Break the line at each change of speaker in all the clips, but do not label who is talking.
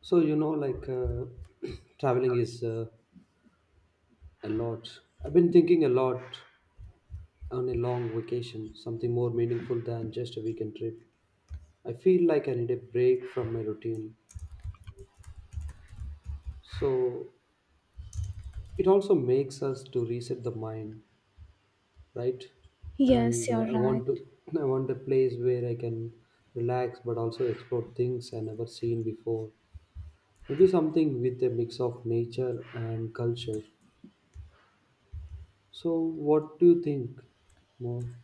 So, like traveling is a lot. I've been thinking a lot on a long vacation, something more meaningful than just a weekend trip. I feel like I need a break from my routine. So, it also makes us to reset the mind, right?
Yes,
And
you're
I
right.
want to I want a place where I can relax but also explore things I never seen before. Maybe something with a mix of nature and culture. So, what do you think more?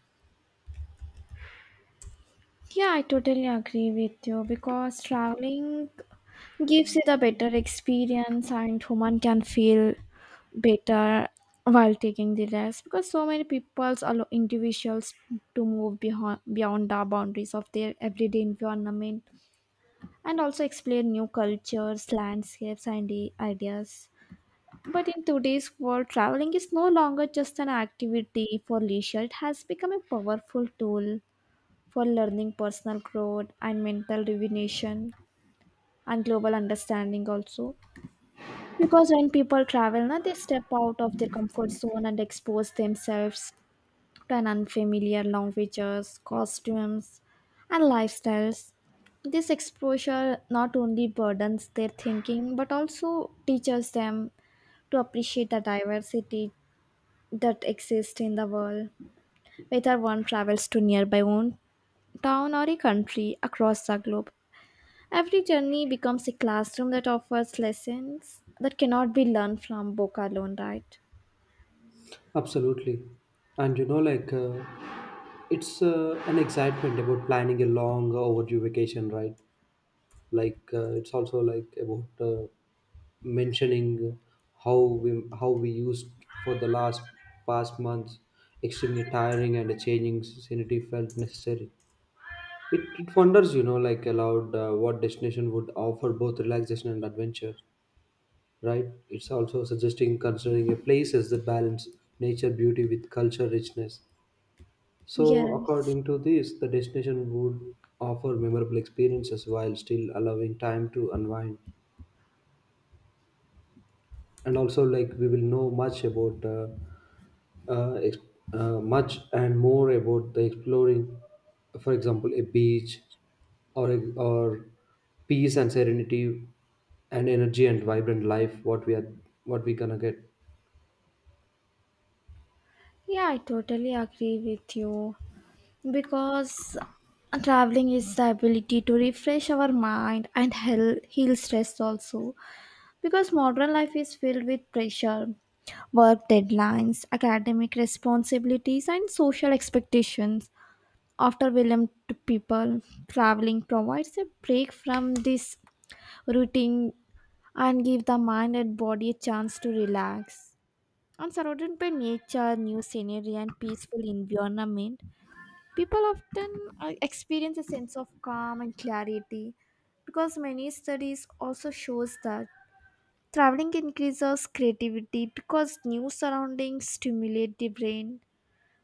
Yeah, I totally agree with you because traveling gives you the better experience and human can feel better while taking the rest because so many people allow individuals to move beyond the boundaries of their everyday environment and also explore new cultures, landscapes, and ideas. But in today's world, traveling is no longer just an activity for leisure, it has become a powerful tool for learning personal growth and mental rejuvenation and global understanding also, because when people travel na they step out of their comfort zone and expose themselves to an unfamiliar languages costumes and lifestyles. This exposure not only burdens their thinking but also teaches them to appreciate the diversity that exists in the world. Whether one travels to nearby own town or a country across the globe, every journey becomes a classroom that offers lessons that cannot be learned from book alone, right?
Absolutely. And it's an excitement about planning a long overdue vacation, right? Like, it's also like about mentioning how we used for the last past months extremely tiring and a changing scenery felt necessary. It wonders, like allowed what destination would offer both relaxation and adventure, right? It's also suggesting considering a places that balance nature beauty with culture richness, so
Yes.
according to this, the destination would offer memorable experiences while still allowing time to unwind. And also, like, we will know much about uh, ex- much and more about the exploring, for example, a beach or peace and serenity and energy and vibrant life. What we gonna get.
Yeah, I totally agree with you because traveling is the ability to refresh our mind and heal stress also. Because modern life is filled with pressure, work deadlines, academic responsibilities, and social expectations. After William to people, traveling provides a break from this routine and give the mind and body a chance to relax. And surrounded by nature, new scenery, and peaceful environment, people often experience a sense of calm and clarity, because many studies also shows that traveling increases creativity because new surroundings stimulate the brain.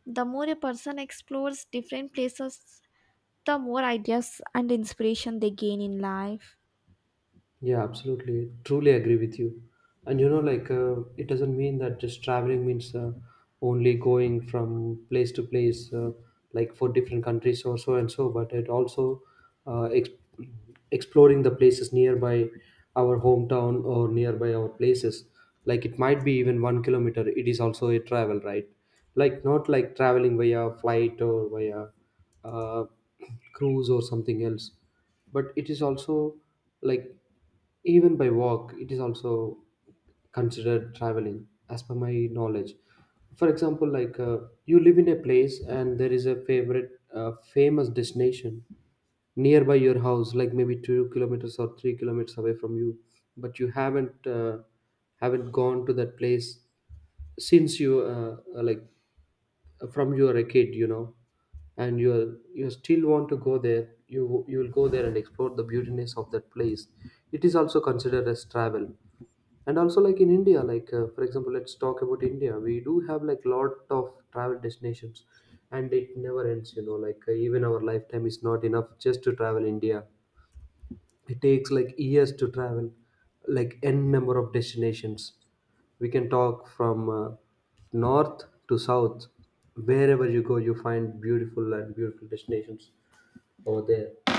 The more a person explores different places, the more ideas and inspiration they gain in life.
Yeah, absolutely. Truly agree with you. And it doesn't mean that just traveling means only going from place to place, like for different countries or so and so, but it also uh, ex- exploring the places nearby our hometown or nearby our places. Like, it might be even 1 kilometer, it is also a travel, right? Like, not like traveling via flight or via uh, cruise or something else, but it is also, like, even by walk it is also considered traveling as per my knowledge. For example, like you live in a place and there is a favorite famous destination nearby your house, like maybe 2 kilometers or 3 kilometers away from you, but you haven't haven't gone to that place since you like, from you are a kid, you know. And you still want to go there. You will go there and explore the beautiness of that place. It is also considered as travel. And also, like, in India, like for example, let's talk about India. We do have like lot of travel destinations, and it never ends. Like even our lifetime is not enough just to travel India. It takes like years to travel like n number of destinations. We can talk from north to south. Wherever you go, you find beautiful and beautiful destinations over there,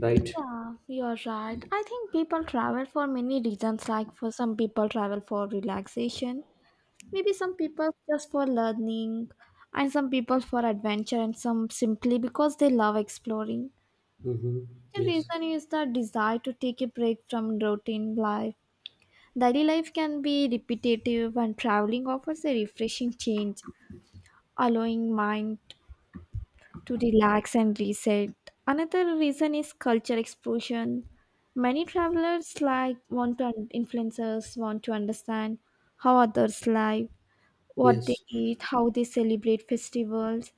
right?
Yeah, you're right. I think people travel for many reasons, like for some people travel for relaxation, maybe some people just for learning, and some people for adventure, and some simply because they love exploring.
Mm-hmm.
The
Yes,
reason is the desire to take a break from routine life. Daily life can be repetitive, and traveling offers a refreshing change, allowing mind to relax and reset. Another reason is culture explosion. Many travelers like want to influencers want to understand how others live, what they
yes.
eat, how they celebrate festivals,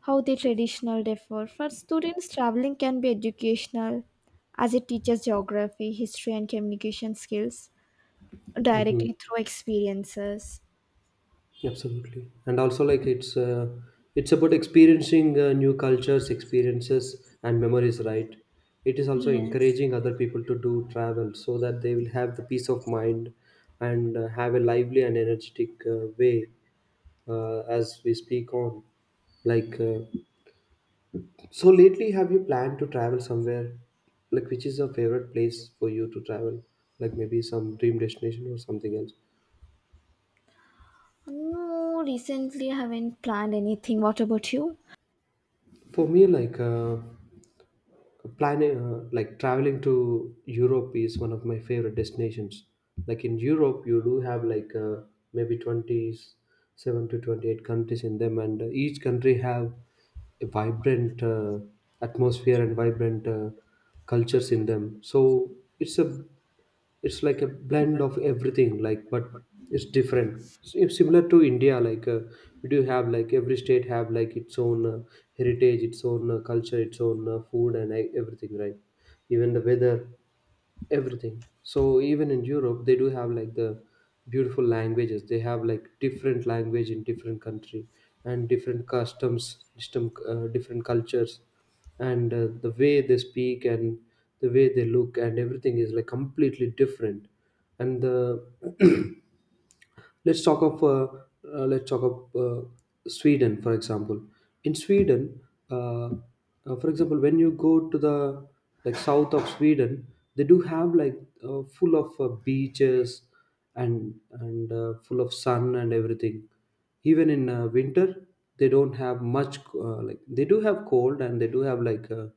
how they traditional differ. For students, traveling can be educational as it teaches geography, history, and communication skills
Mm-hmm.
directly through experiences.
Yeah, absolutely, and also like it's about experiencing new cultures, experiences, and memories. Right? It is also
Yes.
encouraging other people to do travel so that they will have the peace of mind and have a lively and energetic way, as we speak on. Like, so lately, have you planned to travel somewhere? Like, which is your favorite place for you to travel? Like, maybe some dream destination or something else.
No, recently I haven't planned anything. What about you?
For me, like. Planning like traveling to Europe is one of my favorite destinations. Like in Europe you do have like maybe 27 to 28 countries in them, and each country have a vibrant atmosphere and vibrant cultures in them. So it's a it's like a blend of everything, like, but it's different, it's similar to India. Like we do have like every state have like its own heritage, its own culture, its own food, and everything, right? Even the weather, everything. So even in Europe, they do have like the beautiful languages. They have like different language in different country and different customs, different cultures, and the way they speak and the way they look and everything is like completely different. And the let's talk of uh, let's talk of Sweden, for example. In Sweden, uh, for example, when you go to the, like, south of Sweden, they do have like full of beaches, and full of sun and everything. Even in winter, they don't have much, like, they do have cold and they do have like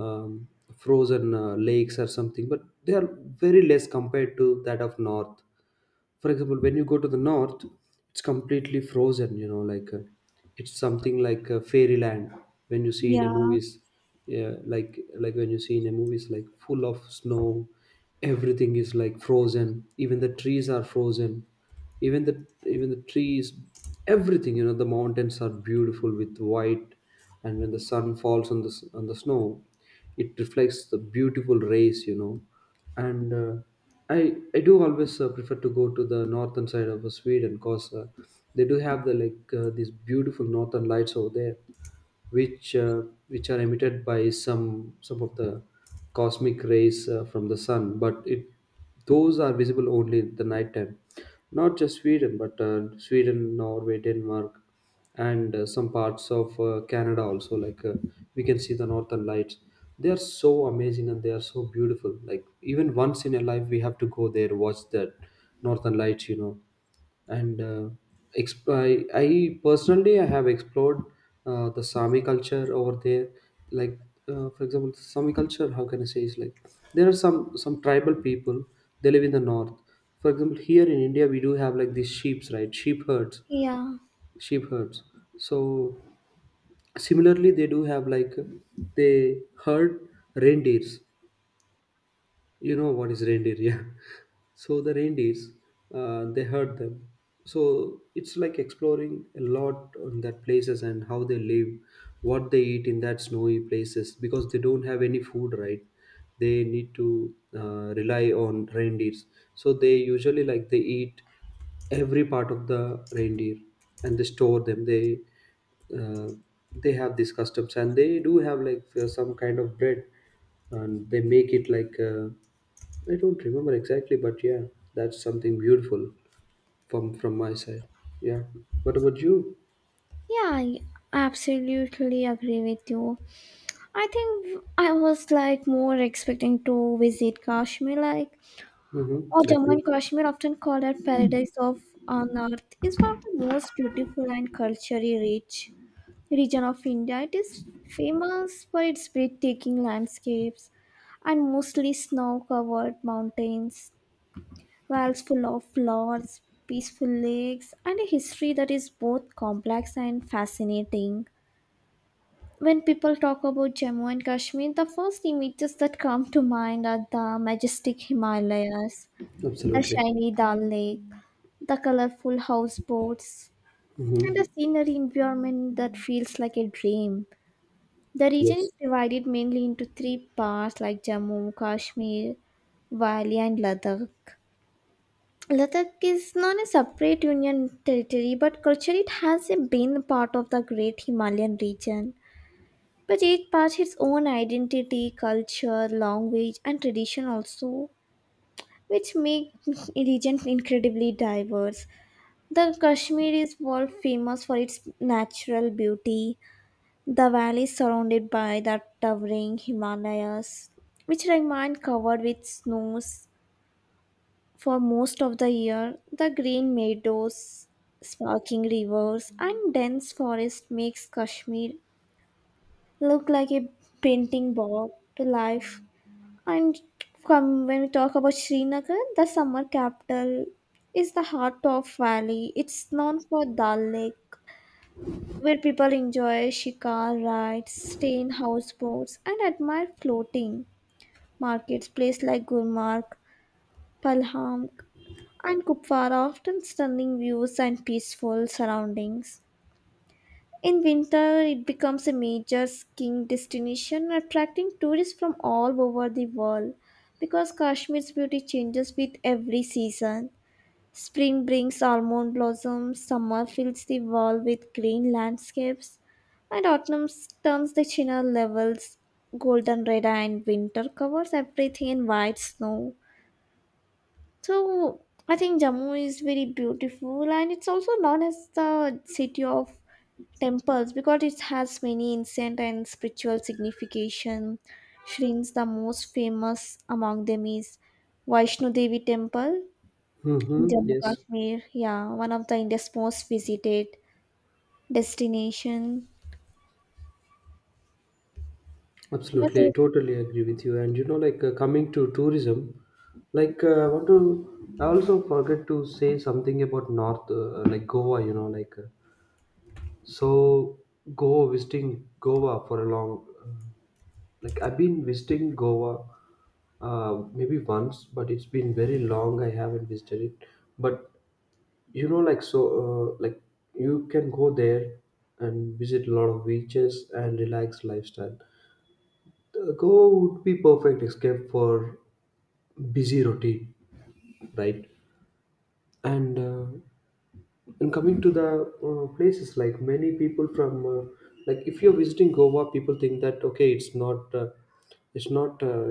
um, frozen lakes or something, but they are very less compared to that of north. For example, when you go to the north, it's completely frozen, you know, like it's something like fairyland when you see in a
Yeah,
movies. Yeah, like when you see in a movies, like, full of snow. Everything is like frozen, even the trees are frozen, even the trees, everything. The mountains are beautiful with white. And when the sun falls on the snow it reflects the beautiful rays. And i I do always prefer to go to the northern side of Sweden, because they do have, the like, these beautiful northern lights over there, which uh, which are emitted by some of the cosmic rays from the sun, but it those are visible only at the night time. Not just Sweden, but Sweden, Norway, Denmark, and some parts of Canada also. Like we can see the northern lights. They are so amazing and they are so beautiful. Like, even once in a life, we have to go there watch that northern lights. And uh, exp- I personally I have explored the Sami culture over there. Like for example, Sami culture. How can I say is like there are some tribal people. They live in the north. For example, here in India we do have like these sheep's right, sheep herds,
yeah,
sheep herds. So similarly, they do have like they herd reindeers, you know what is reindeer. Yeah, so the reindeers, they hurt them. So it's like exploring a lot on that places and how they live, what they eat in that snowy places, because they don't have any food, right? They need to rely on reindeers. So they usually, like, they eat every part of the reindeer, and they store them, uh, they have these customs, and they do have like some kind of bread, and they make it like I don't remember exactly, but yeah, that's something beautiful from my side. Yeah, what about you?
yeah, I absolutely agree with you. I think I was like more expecting to visit Kashmir, like,
Mm-hmm.
or
That's
Jammu
good.
and Kashmir, often called a paradise of on earth, is one of the most beautiful and culturally rich region of India. It is famous for its breathtaking landscapes and mostly snow-covered mountains. Wells full of flowers, peaceful lakes, and a history that is both complex and fascinating. When people talk about Jammu and Kashmir, the first images that come to mind are the majestic Himalayas, the
Absolutely.
shiny Dal Lake, the colorful houseboats, and the
Mm-hmm.
scenery environment that feels like a dream. The region
Yes.
is divided mainly into three parts like Jammu, Kashmir, Valley, and Ladakh. Ladakh is not a separate Union territory, but culturally it has been part of the Great Himalayan region. But each part its own identity, culture, language, and tradition also, which make region incredibly diverse. The Kashmir is world famous for its natural beauty. The valley is surrounded by the towering Himalayas, which remain covered with snows for most of the year. The green meadows, sparkling rivers, and dense forest makes Kashmir look like a painting brought to life. And come, when we talk about Srinagar, the summer capital is the heart of valley. It's known for Dal Lake, where people enjoy shikar rides, stay in houseboats, and admire floating markets. Places like Gulmarg, Palham, and Kupwara often stunning views and peaceful surroundings. In winter, it becomes a major skiing destination, attracting tourists from all over the world because Kashmir's beauty changes with every season. Spring brings almond blossoms, summer fills the world with green landscapes, and autumn turns the chinner levels golden red, and winter covers everything in white snow. So I think Jammu is very beautiful and it's also known as the city of temples because it has many ancient and spiritual signification. Shrines the most famous among them is Vaishno Devi temple
Mm-hmm.
in Jammu
Yes.
Kashmir. Yeah, one of the India's most visited destination. What
Absolutely, I
is
totally agree with you. And coming to tourism, like I also forget to say something about North, like, Goa. Like so, Goa, visiting Goa for a long, like, I've been visiting Goa, maybe once, but it's been very long. I haven't visited it, but like so, like, you can go there and visit a lot of beaches and relaxed lifestyle. The Goa would be perfect escape for busy routine, right? And uh, and coming to the places, like, many people from, like, if you're visiting Goa people think that okay it's not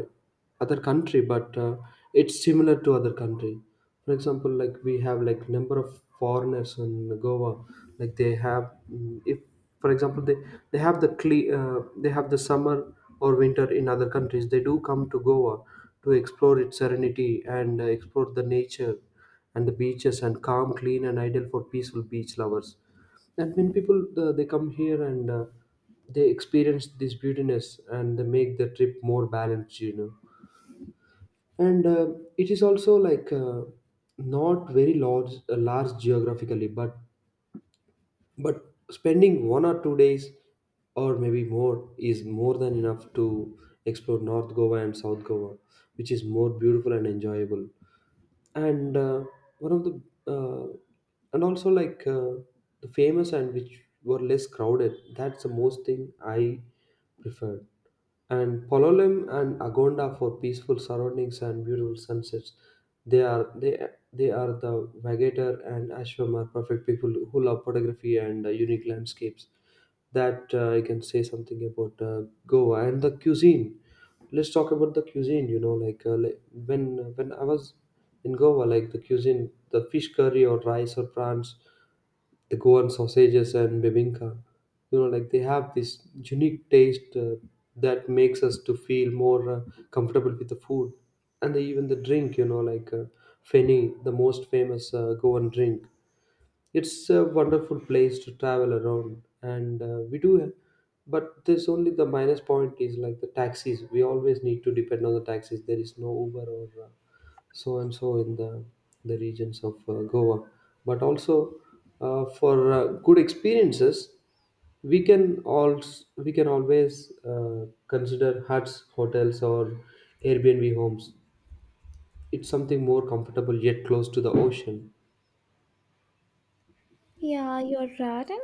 other country, but it's similar to other country. For example, like we have like number of foreigners in Goa. Like they have, mm, if for example, they have the summer or winter in other countries, they do come to Goa to explore its serenity and explore the nature and the beaches and calm, clean, and ideal for peaceful beach lovers. And when people they come here and they experience this beautiness and they make the trip more balanced. And it is also like not very large, geographically, but but spending 1 or 2 days or maybe more is more than enough to explore North Goa and South Goa, which is more beautiful and enjoyable. And uh, one of the uh, and also like the famous and which were less crowded, that's the most thing I prefer, and Palolem and Agonda for peaceful surroundings and beautiful sunsets. They are they they are the Vagator and Ashwam are perfect people who love photography and unique landscapes. That, I can say something about Goa and the cuisine. Let's talk about the cuisine. Like when I was in Goa, like the cuisine, the fish curry or rice or prawns the Goan sausages and bibinka. Like they have this unique taste that makes us to feel more comfortable with the food, and even the drink. Like feni, the most famous Goan drink. It's a wonderful place to travel around, and But there's only the minus point is like the taxis. We always need to depend on the taxis. There is no Uber or so and so in the regions of Goa. But also for good experiences, we can we can always uh, consider huts, hotels, or Airbnb homes. It's something more comfortable yet close to the ocean.
yeah, you're right. And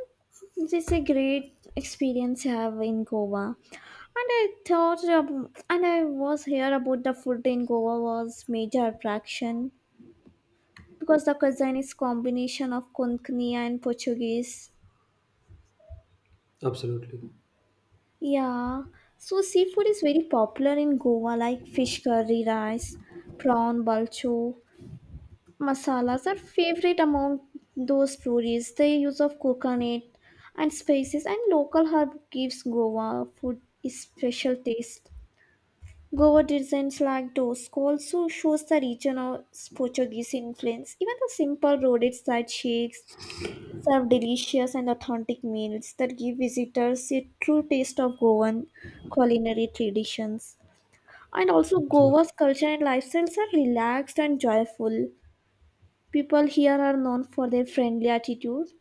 this is a great experience I have in Goa. And I thought, and I was here about the food in Goa was major attraction because the cuisine is combination of Konkani and Portuguese.
Absolutely.
Yeah, so seafood is very popular in Goa, like fish curry, rice, prawn, balcho. Masalas are favorite among those stories. The use of coconut and spices and local herb gives Goa food a special taste. Goa designs like those also shows the region of Portuguese influence. Even the simple roadside shakes serve delicious and authentic meals that give visitors a true taste of Goan culinary traditions. And also
Absolutely.
Goa's culture and lifestyles are relaxed and joyful. People here are known for their friendly attitude,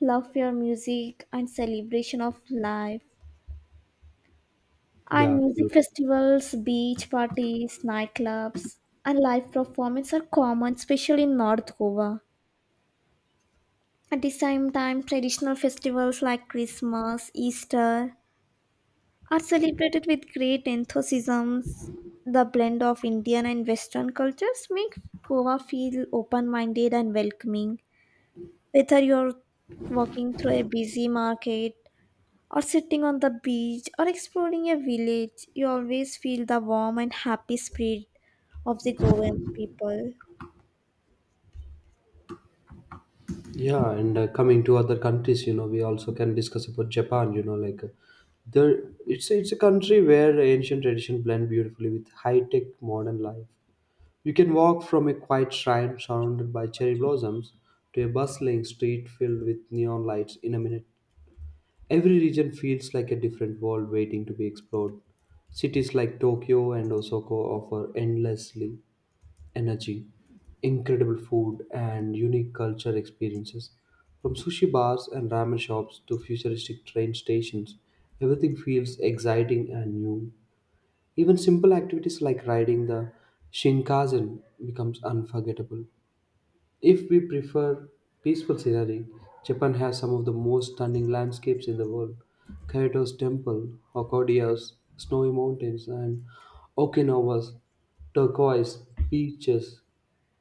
love for music, and celebration of life.
Yeah,
And music
absolutely.
festivals, beach parties, nightclubs, and live performances are common, especially in North Goa. At the same time, traditional festivals like Christmas, Easter are celebrated with great enthusiasm. The blend of Indian and Western cultures make Goa feel open-minded and welcoming. Whether you're walking through a busy market or sitting on the beach or exploring a village, you always feel the warm and happy spirit of the Goan people.
Yeah, and coming to other countries, you know, we also can discuss about Japan. There, it's a country where ancient tradition blend beautifully with high tech modern life. You can walk from a quiet shrine surrounded by cherry blossoms to a bustling street filled with neon lights in a minute. Every region feels like a different world waiting to be explored. Cities like Tokyo and Osaka offer endlessly energy, incredible food, and unique culture experiences. From sushi bars and ramen shops to futuristic train stations, everything feels exciting and new. Even simple activities like riding the Shinkansen becomes unforgettable. If we prefer peaceful scenery, Japan has some of the most stunning landscapes in the world. Kyoto's temple, Hokkaido's snowy mountains, and Okinawa's turquoise beaches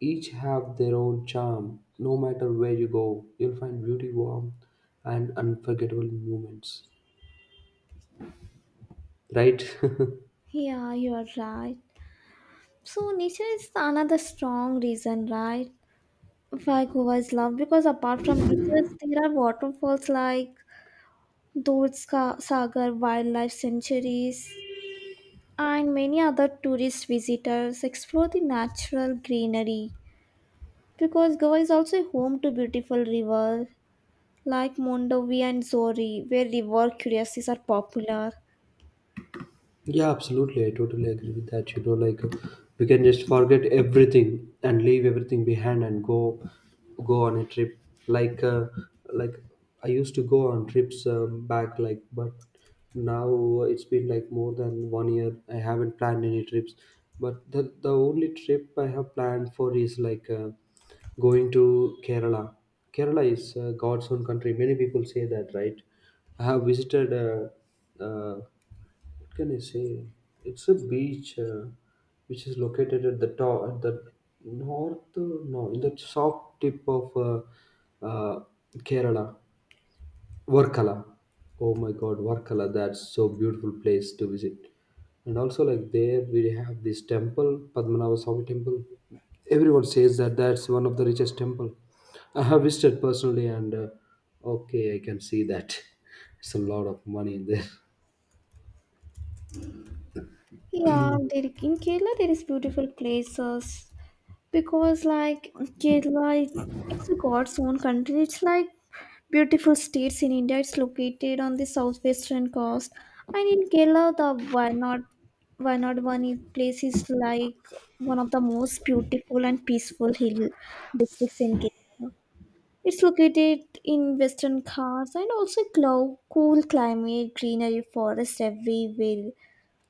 each have their own charm. No matter where you go, you'll find beauty, warmth, and unforgettable moments. Right?
Yeah, you're right. So nature is another strong reason, right? Why Goa is loved because apart from beaches, there are waterfalls like Sagar Wildlife Sanctuaries and many other tourist visitors explore the natural greenery, because Goa is also home to beautiful rivers like Mondovi and Zori, where river curiosities are popular.
Yeah, absolutely. I totally agree with that. You know, like we can just forget everything and leave everything behind and go on a trip. Like uh, like I used to go on trips back, like but now it's been like more than one year. I haven't planned any trips, but the only trip I have planned for is like going to Kerala. Kerala is God's own country. Many people say that, right? I have visited. What can I say? It's a beach which is located at the top, at the north, no, in the south tip of uh, Kerala, Varkala. Oh my God, Varkala! That's so beautiful place to visit. And also, like there, we have this temple, Padmanabha Swami temple. Everyone says that that's one of the richest temple. I have visited personally, and okay, I can see that it's a lot of money in there.
Yeah, there, in Kerala there is beautiful places because like Kerala, it's a God's own country. It's like beautiful states in India. It's located on the southwestern coast, and in Kerala, the Wayanad one is place is like one of the most beautiful and peaceful hill districts in Kerala. It's located in Western Ghats and also glow, cool climate, greenery, forests everywhere,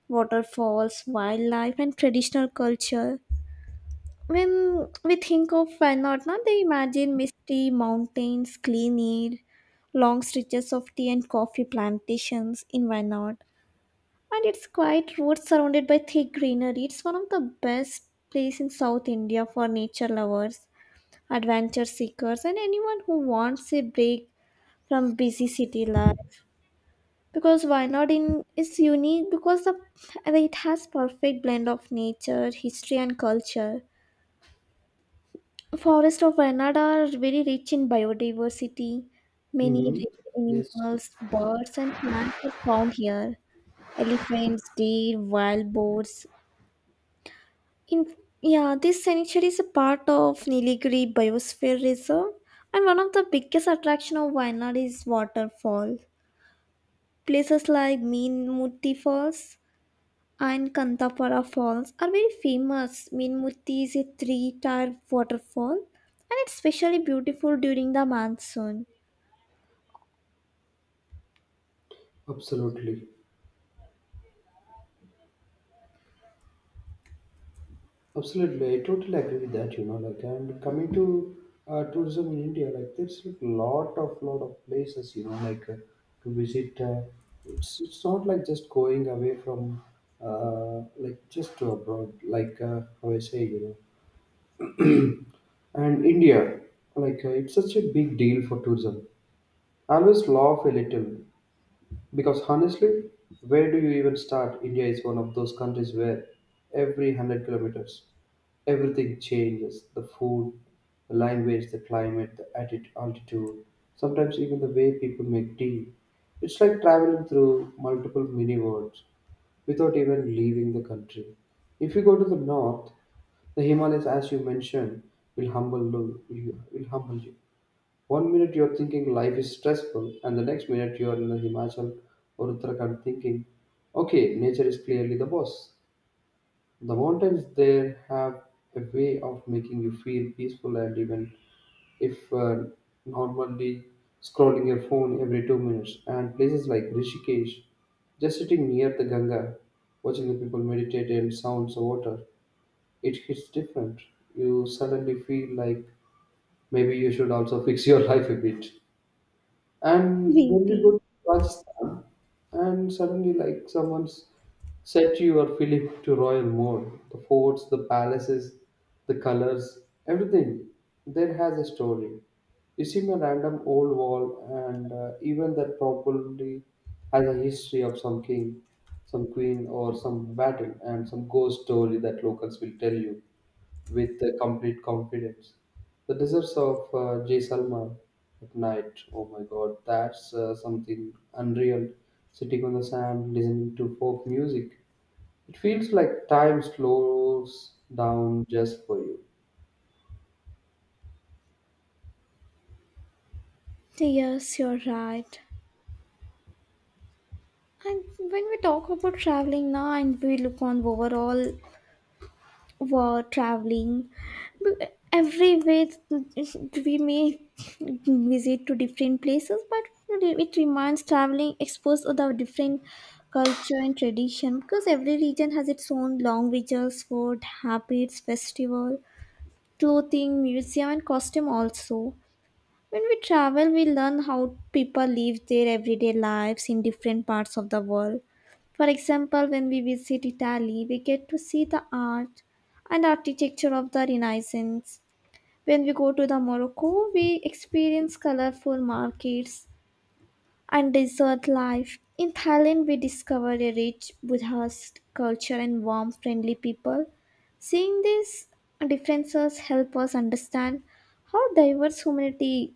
waterfalls, wildlife, and traditional culture. When we think of Varanasi, they imagine misty mountains, clean air, long stretches of tea and coffee plantations in Wayanad. And its quiet roads surrounded by thick greenery. It's one of the best place in South India for nature lovers, adventure seekers, and anyone who wants a break from busy city life because Wayanad in is unique because the, and it has perfect blend of nature, history and culture. Forests of Wayanad are very rich in biodiversity. Many
Mm-hmm.
rare
Yes.
animals, birds and plants are found here. Elephants, deer, wild boars. In yeah, this sanctuary is a part of Nilgiri Biosphere Reserve and one of the biggest attraction of Wayanad is waterfall. Places like Meenmutty Falls and Kantapara Falls are very famous. Meenmutty is a three tier waterfall and it's especially beautiful during the monsoon.
Absolutely, absolutely. I totally agree with that. You know, like and coming to tourism in India, like there's a lot of places. To visit. It's not like just going away from like just to abroad. Like how I say, you know, and India, like it's such a big deal for tourism. I always laugh a little because honestly, where do you even start? India is one of those countries where every hundred kilometers everything changes the food, the language, the climate, the altitude, sometimes even the way people make tea. It's like traveling through multiple mini worlds without even leaving the country. If you go to the north, the Himalayas, as you mentioned, you. Will humble you. One minute you're thinking life is stressful, and the next minute you're in the Himachal or Uttarakhand thinking, okay, nature is clearly the boss. The mountains there have a way of making you feel peaceful and even if normally scrolling your phone every 2 minutes. And places like Rishikesh, just sitting near the Ganga, watching the people meditate and sounds of water, it hits different. You suddenly feel like maybe you should also fix your life a bit. And when we go
Maybe.
to Rajasthan, and suddenly, like, someone's set your Philip to royal mode the forts, the palaces, the colors, everything there has a story. You see a random old wall, and even that probably has a history of some king, some queen, or some battle, and some ghost story that locals will tell you with the complete confidence. The deserts of Jay Salman at night, oh my god, that's something unreal. Sitting on the sand, listening to folk music, it feels like time slows down just for you.
Yes, you're right. And when we talk about traveling now and we look on overall for traveling B- every we may visit to different places but it reminds traveling exposed to the different culture and tradition because every region has its own languages, food habits, festival, clothing, museum and costume also. When we travel, we learn how people live their everyday lives in different parts of the world. For example, when we visit Italy, we get to see the art and architecture of the Renaissance. When we go to the Morocco, we experience colorful markets and desert life. In Thailand, we discover a rich Buddhist culture and warm, friendly people. Seeing these differences help us understand how diverse humanity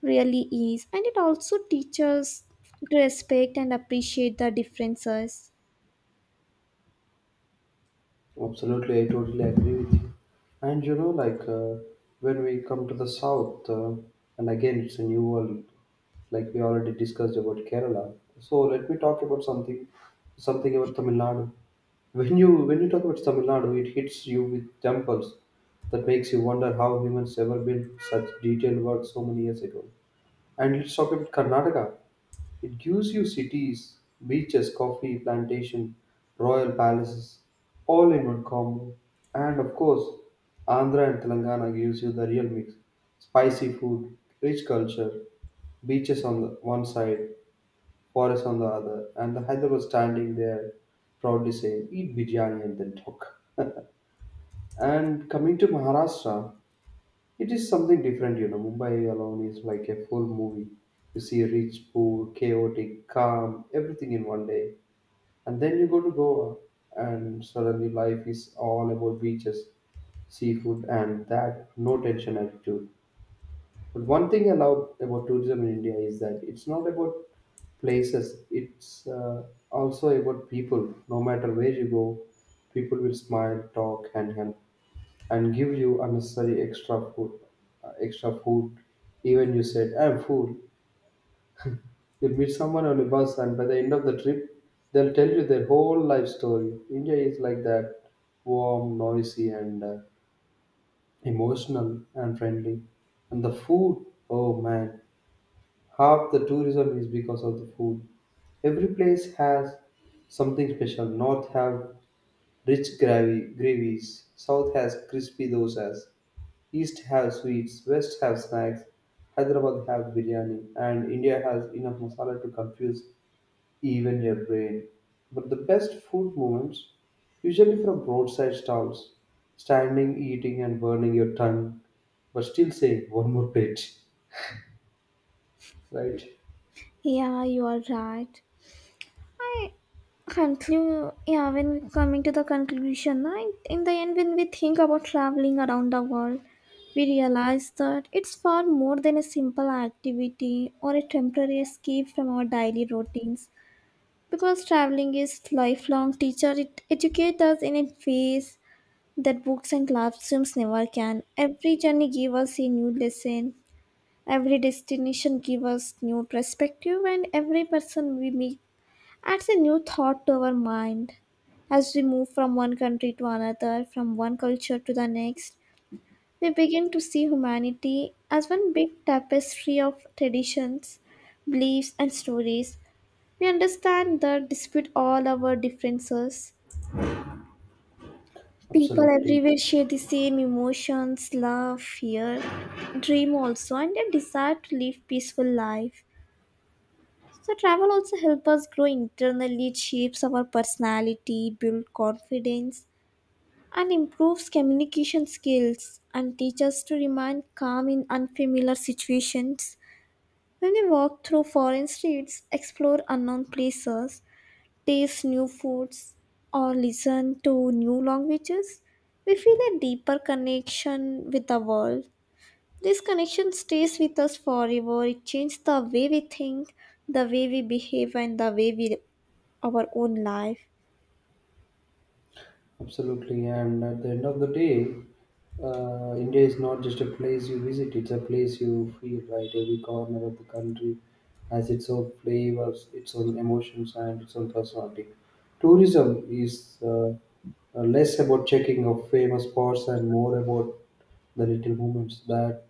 really is, and it also teaches to respect and appreciate the differences.
Absolutely, I totally agree with you. And you know, like when we come to the south, and again, it's a new world. Like we already discussed about Kerala, so let me talk about something, something about Tamil Nadu. When you talk about Tamil Nadu, it hits you with temples that makes you wonder how humans ever built such detailed work so many years ago. And let's talk about Karnataka. It gives you cities, beaches, coffee, plantation, royal palaces, all in one combo. And of course, Andhra and Telangana gives you the real mix: spicy food, rich culture, beaches on the one side, forest on the other, and the Hyderabad standing there proudly saying, "Eat biryani and then talk." And coming to Maharashtra, it is something different, you know. Mumbai alone is like a full movie. You see rich, poor, chaotic, calm, everything in one day. And then you go to Goa, and suddenly life is all about beaches, seafood, and that no tension attitude. But one thing I love about tourism in India is that it's not about places, it's also about people. No matter where you go, people will smile, talk, and help and give you unnecessary extra food, extra food. Even you said, "I'm full." You'll meet someone on a bus, and by the end of the trip, they'll tell you their whole life story. India is like that, warm, noisy, and emotional and friendly. And the food, oh man, half the tourism is because of the food. Every place has something special. North have rich gravy gravies. South has crispy dosas. East have sweets, West have snacks, Hyderabad have biryani, and India has enough masala to confuse even your brain. But the best food moments, usually from roadside stalls, standing, eating, and burning your tongue, but still saying one more plate, right?
Yeah, you are right. I conclude, yeah, when we coming to the conclusion, I, in the end when we think about traveling around the world, we realize that it's far more than a simple activity or a temporary escape from our daily routines, because traveling is lifelong teacher. It educates us in a ways that books and classrooms never can. Every journey give us a new lesson, every destination give us new perspective, and every person we meet adds a new thought to our mind. As we move from one country to another, from one culture to the next, we begin to see humanity as one big tapestry of traditions, beliefs, and stories. We understand that despite all our differences, people
Absolutely.
everywhere share the same emotions, love, fear, dream also, and a desire to live peaceful life. So travel also help us grow internally, it shapes our personality, build confidence, and improves communication skills and teach us to remain calm in unfamiliar situations. When we walk through foreign streets, explore unknown places, taste new foods, or listen to new languages, we feel a deeper connection with the world. This connection stays with us forever. It changes the way we think, the way we behave, and the way we our own life.
Absolutely, and at the end of the day, India is not just a place you visit; it's a place you feel. Right, every corner of the country has its own flavors, its own emotions, and its own personality. Tourism is less about checking of famous spots and more about the little moments that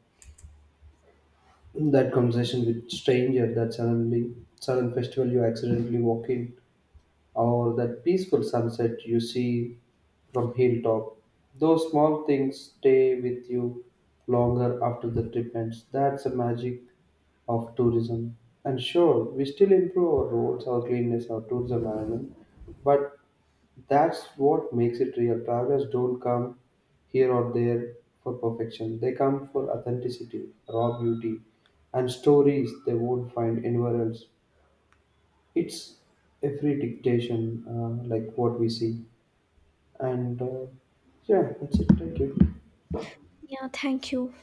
conversation with stranger, that sudden festival you accidentally walk in, or that peaceful sunset you see from hilltop. Those small things stay with you longer after the trip ends. That's the magic of tourism. And sure, we still improve our roads, our cleanliness, our tourism management, but that's what makes it real. Travelers don't come here or there for perfection. They come for authenticity, raw beauty, and stories they won't find anywhere else. It's every dictation like what we see. And yeah, that's it. Thank you.
Yeah, thank you.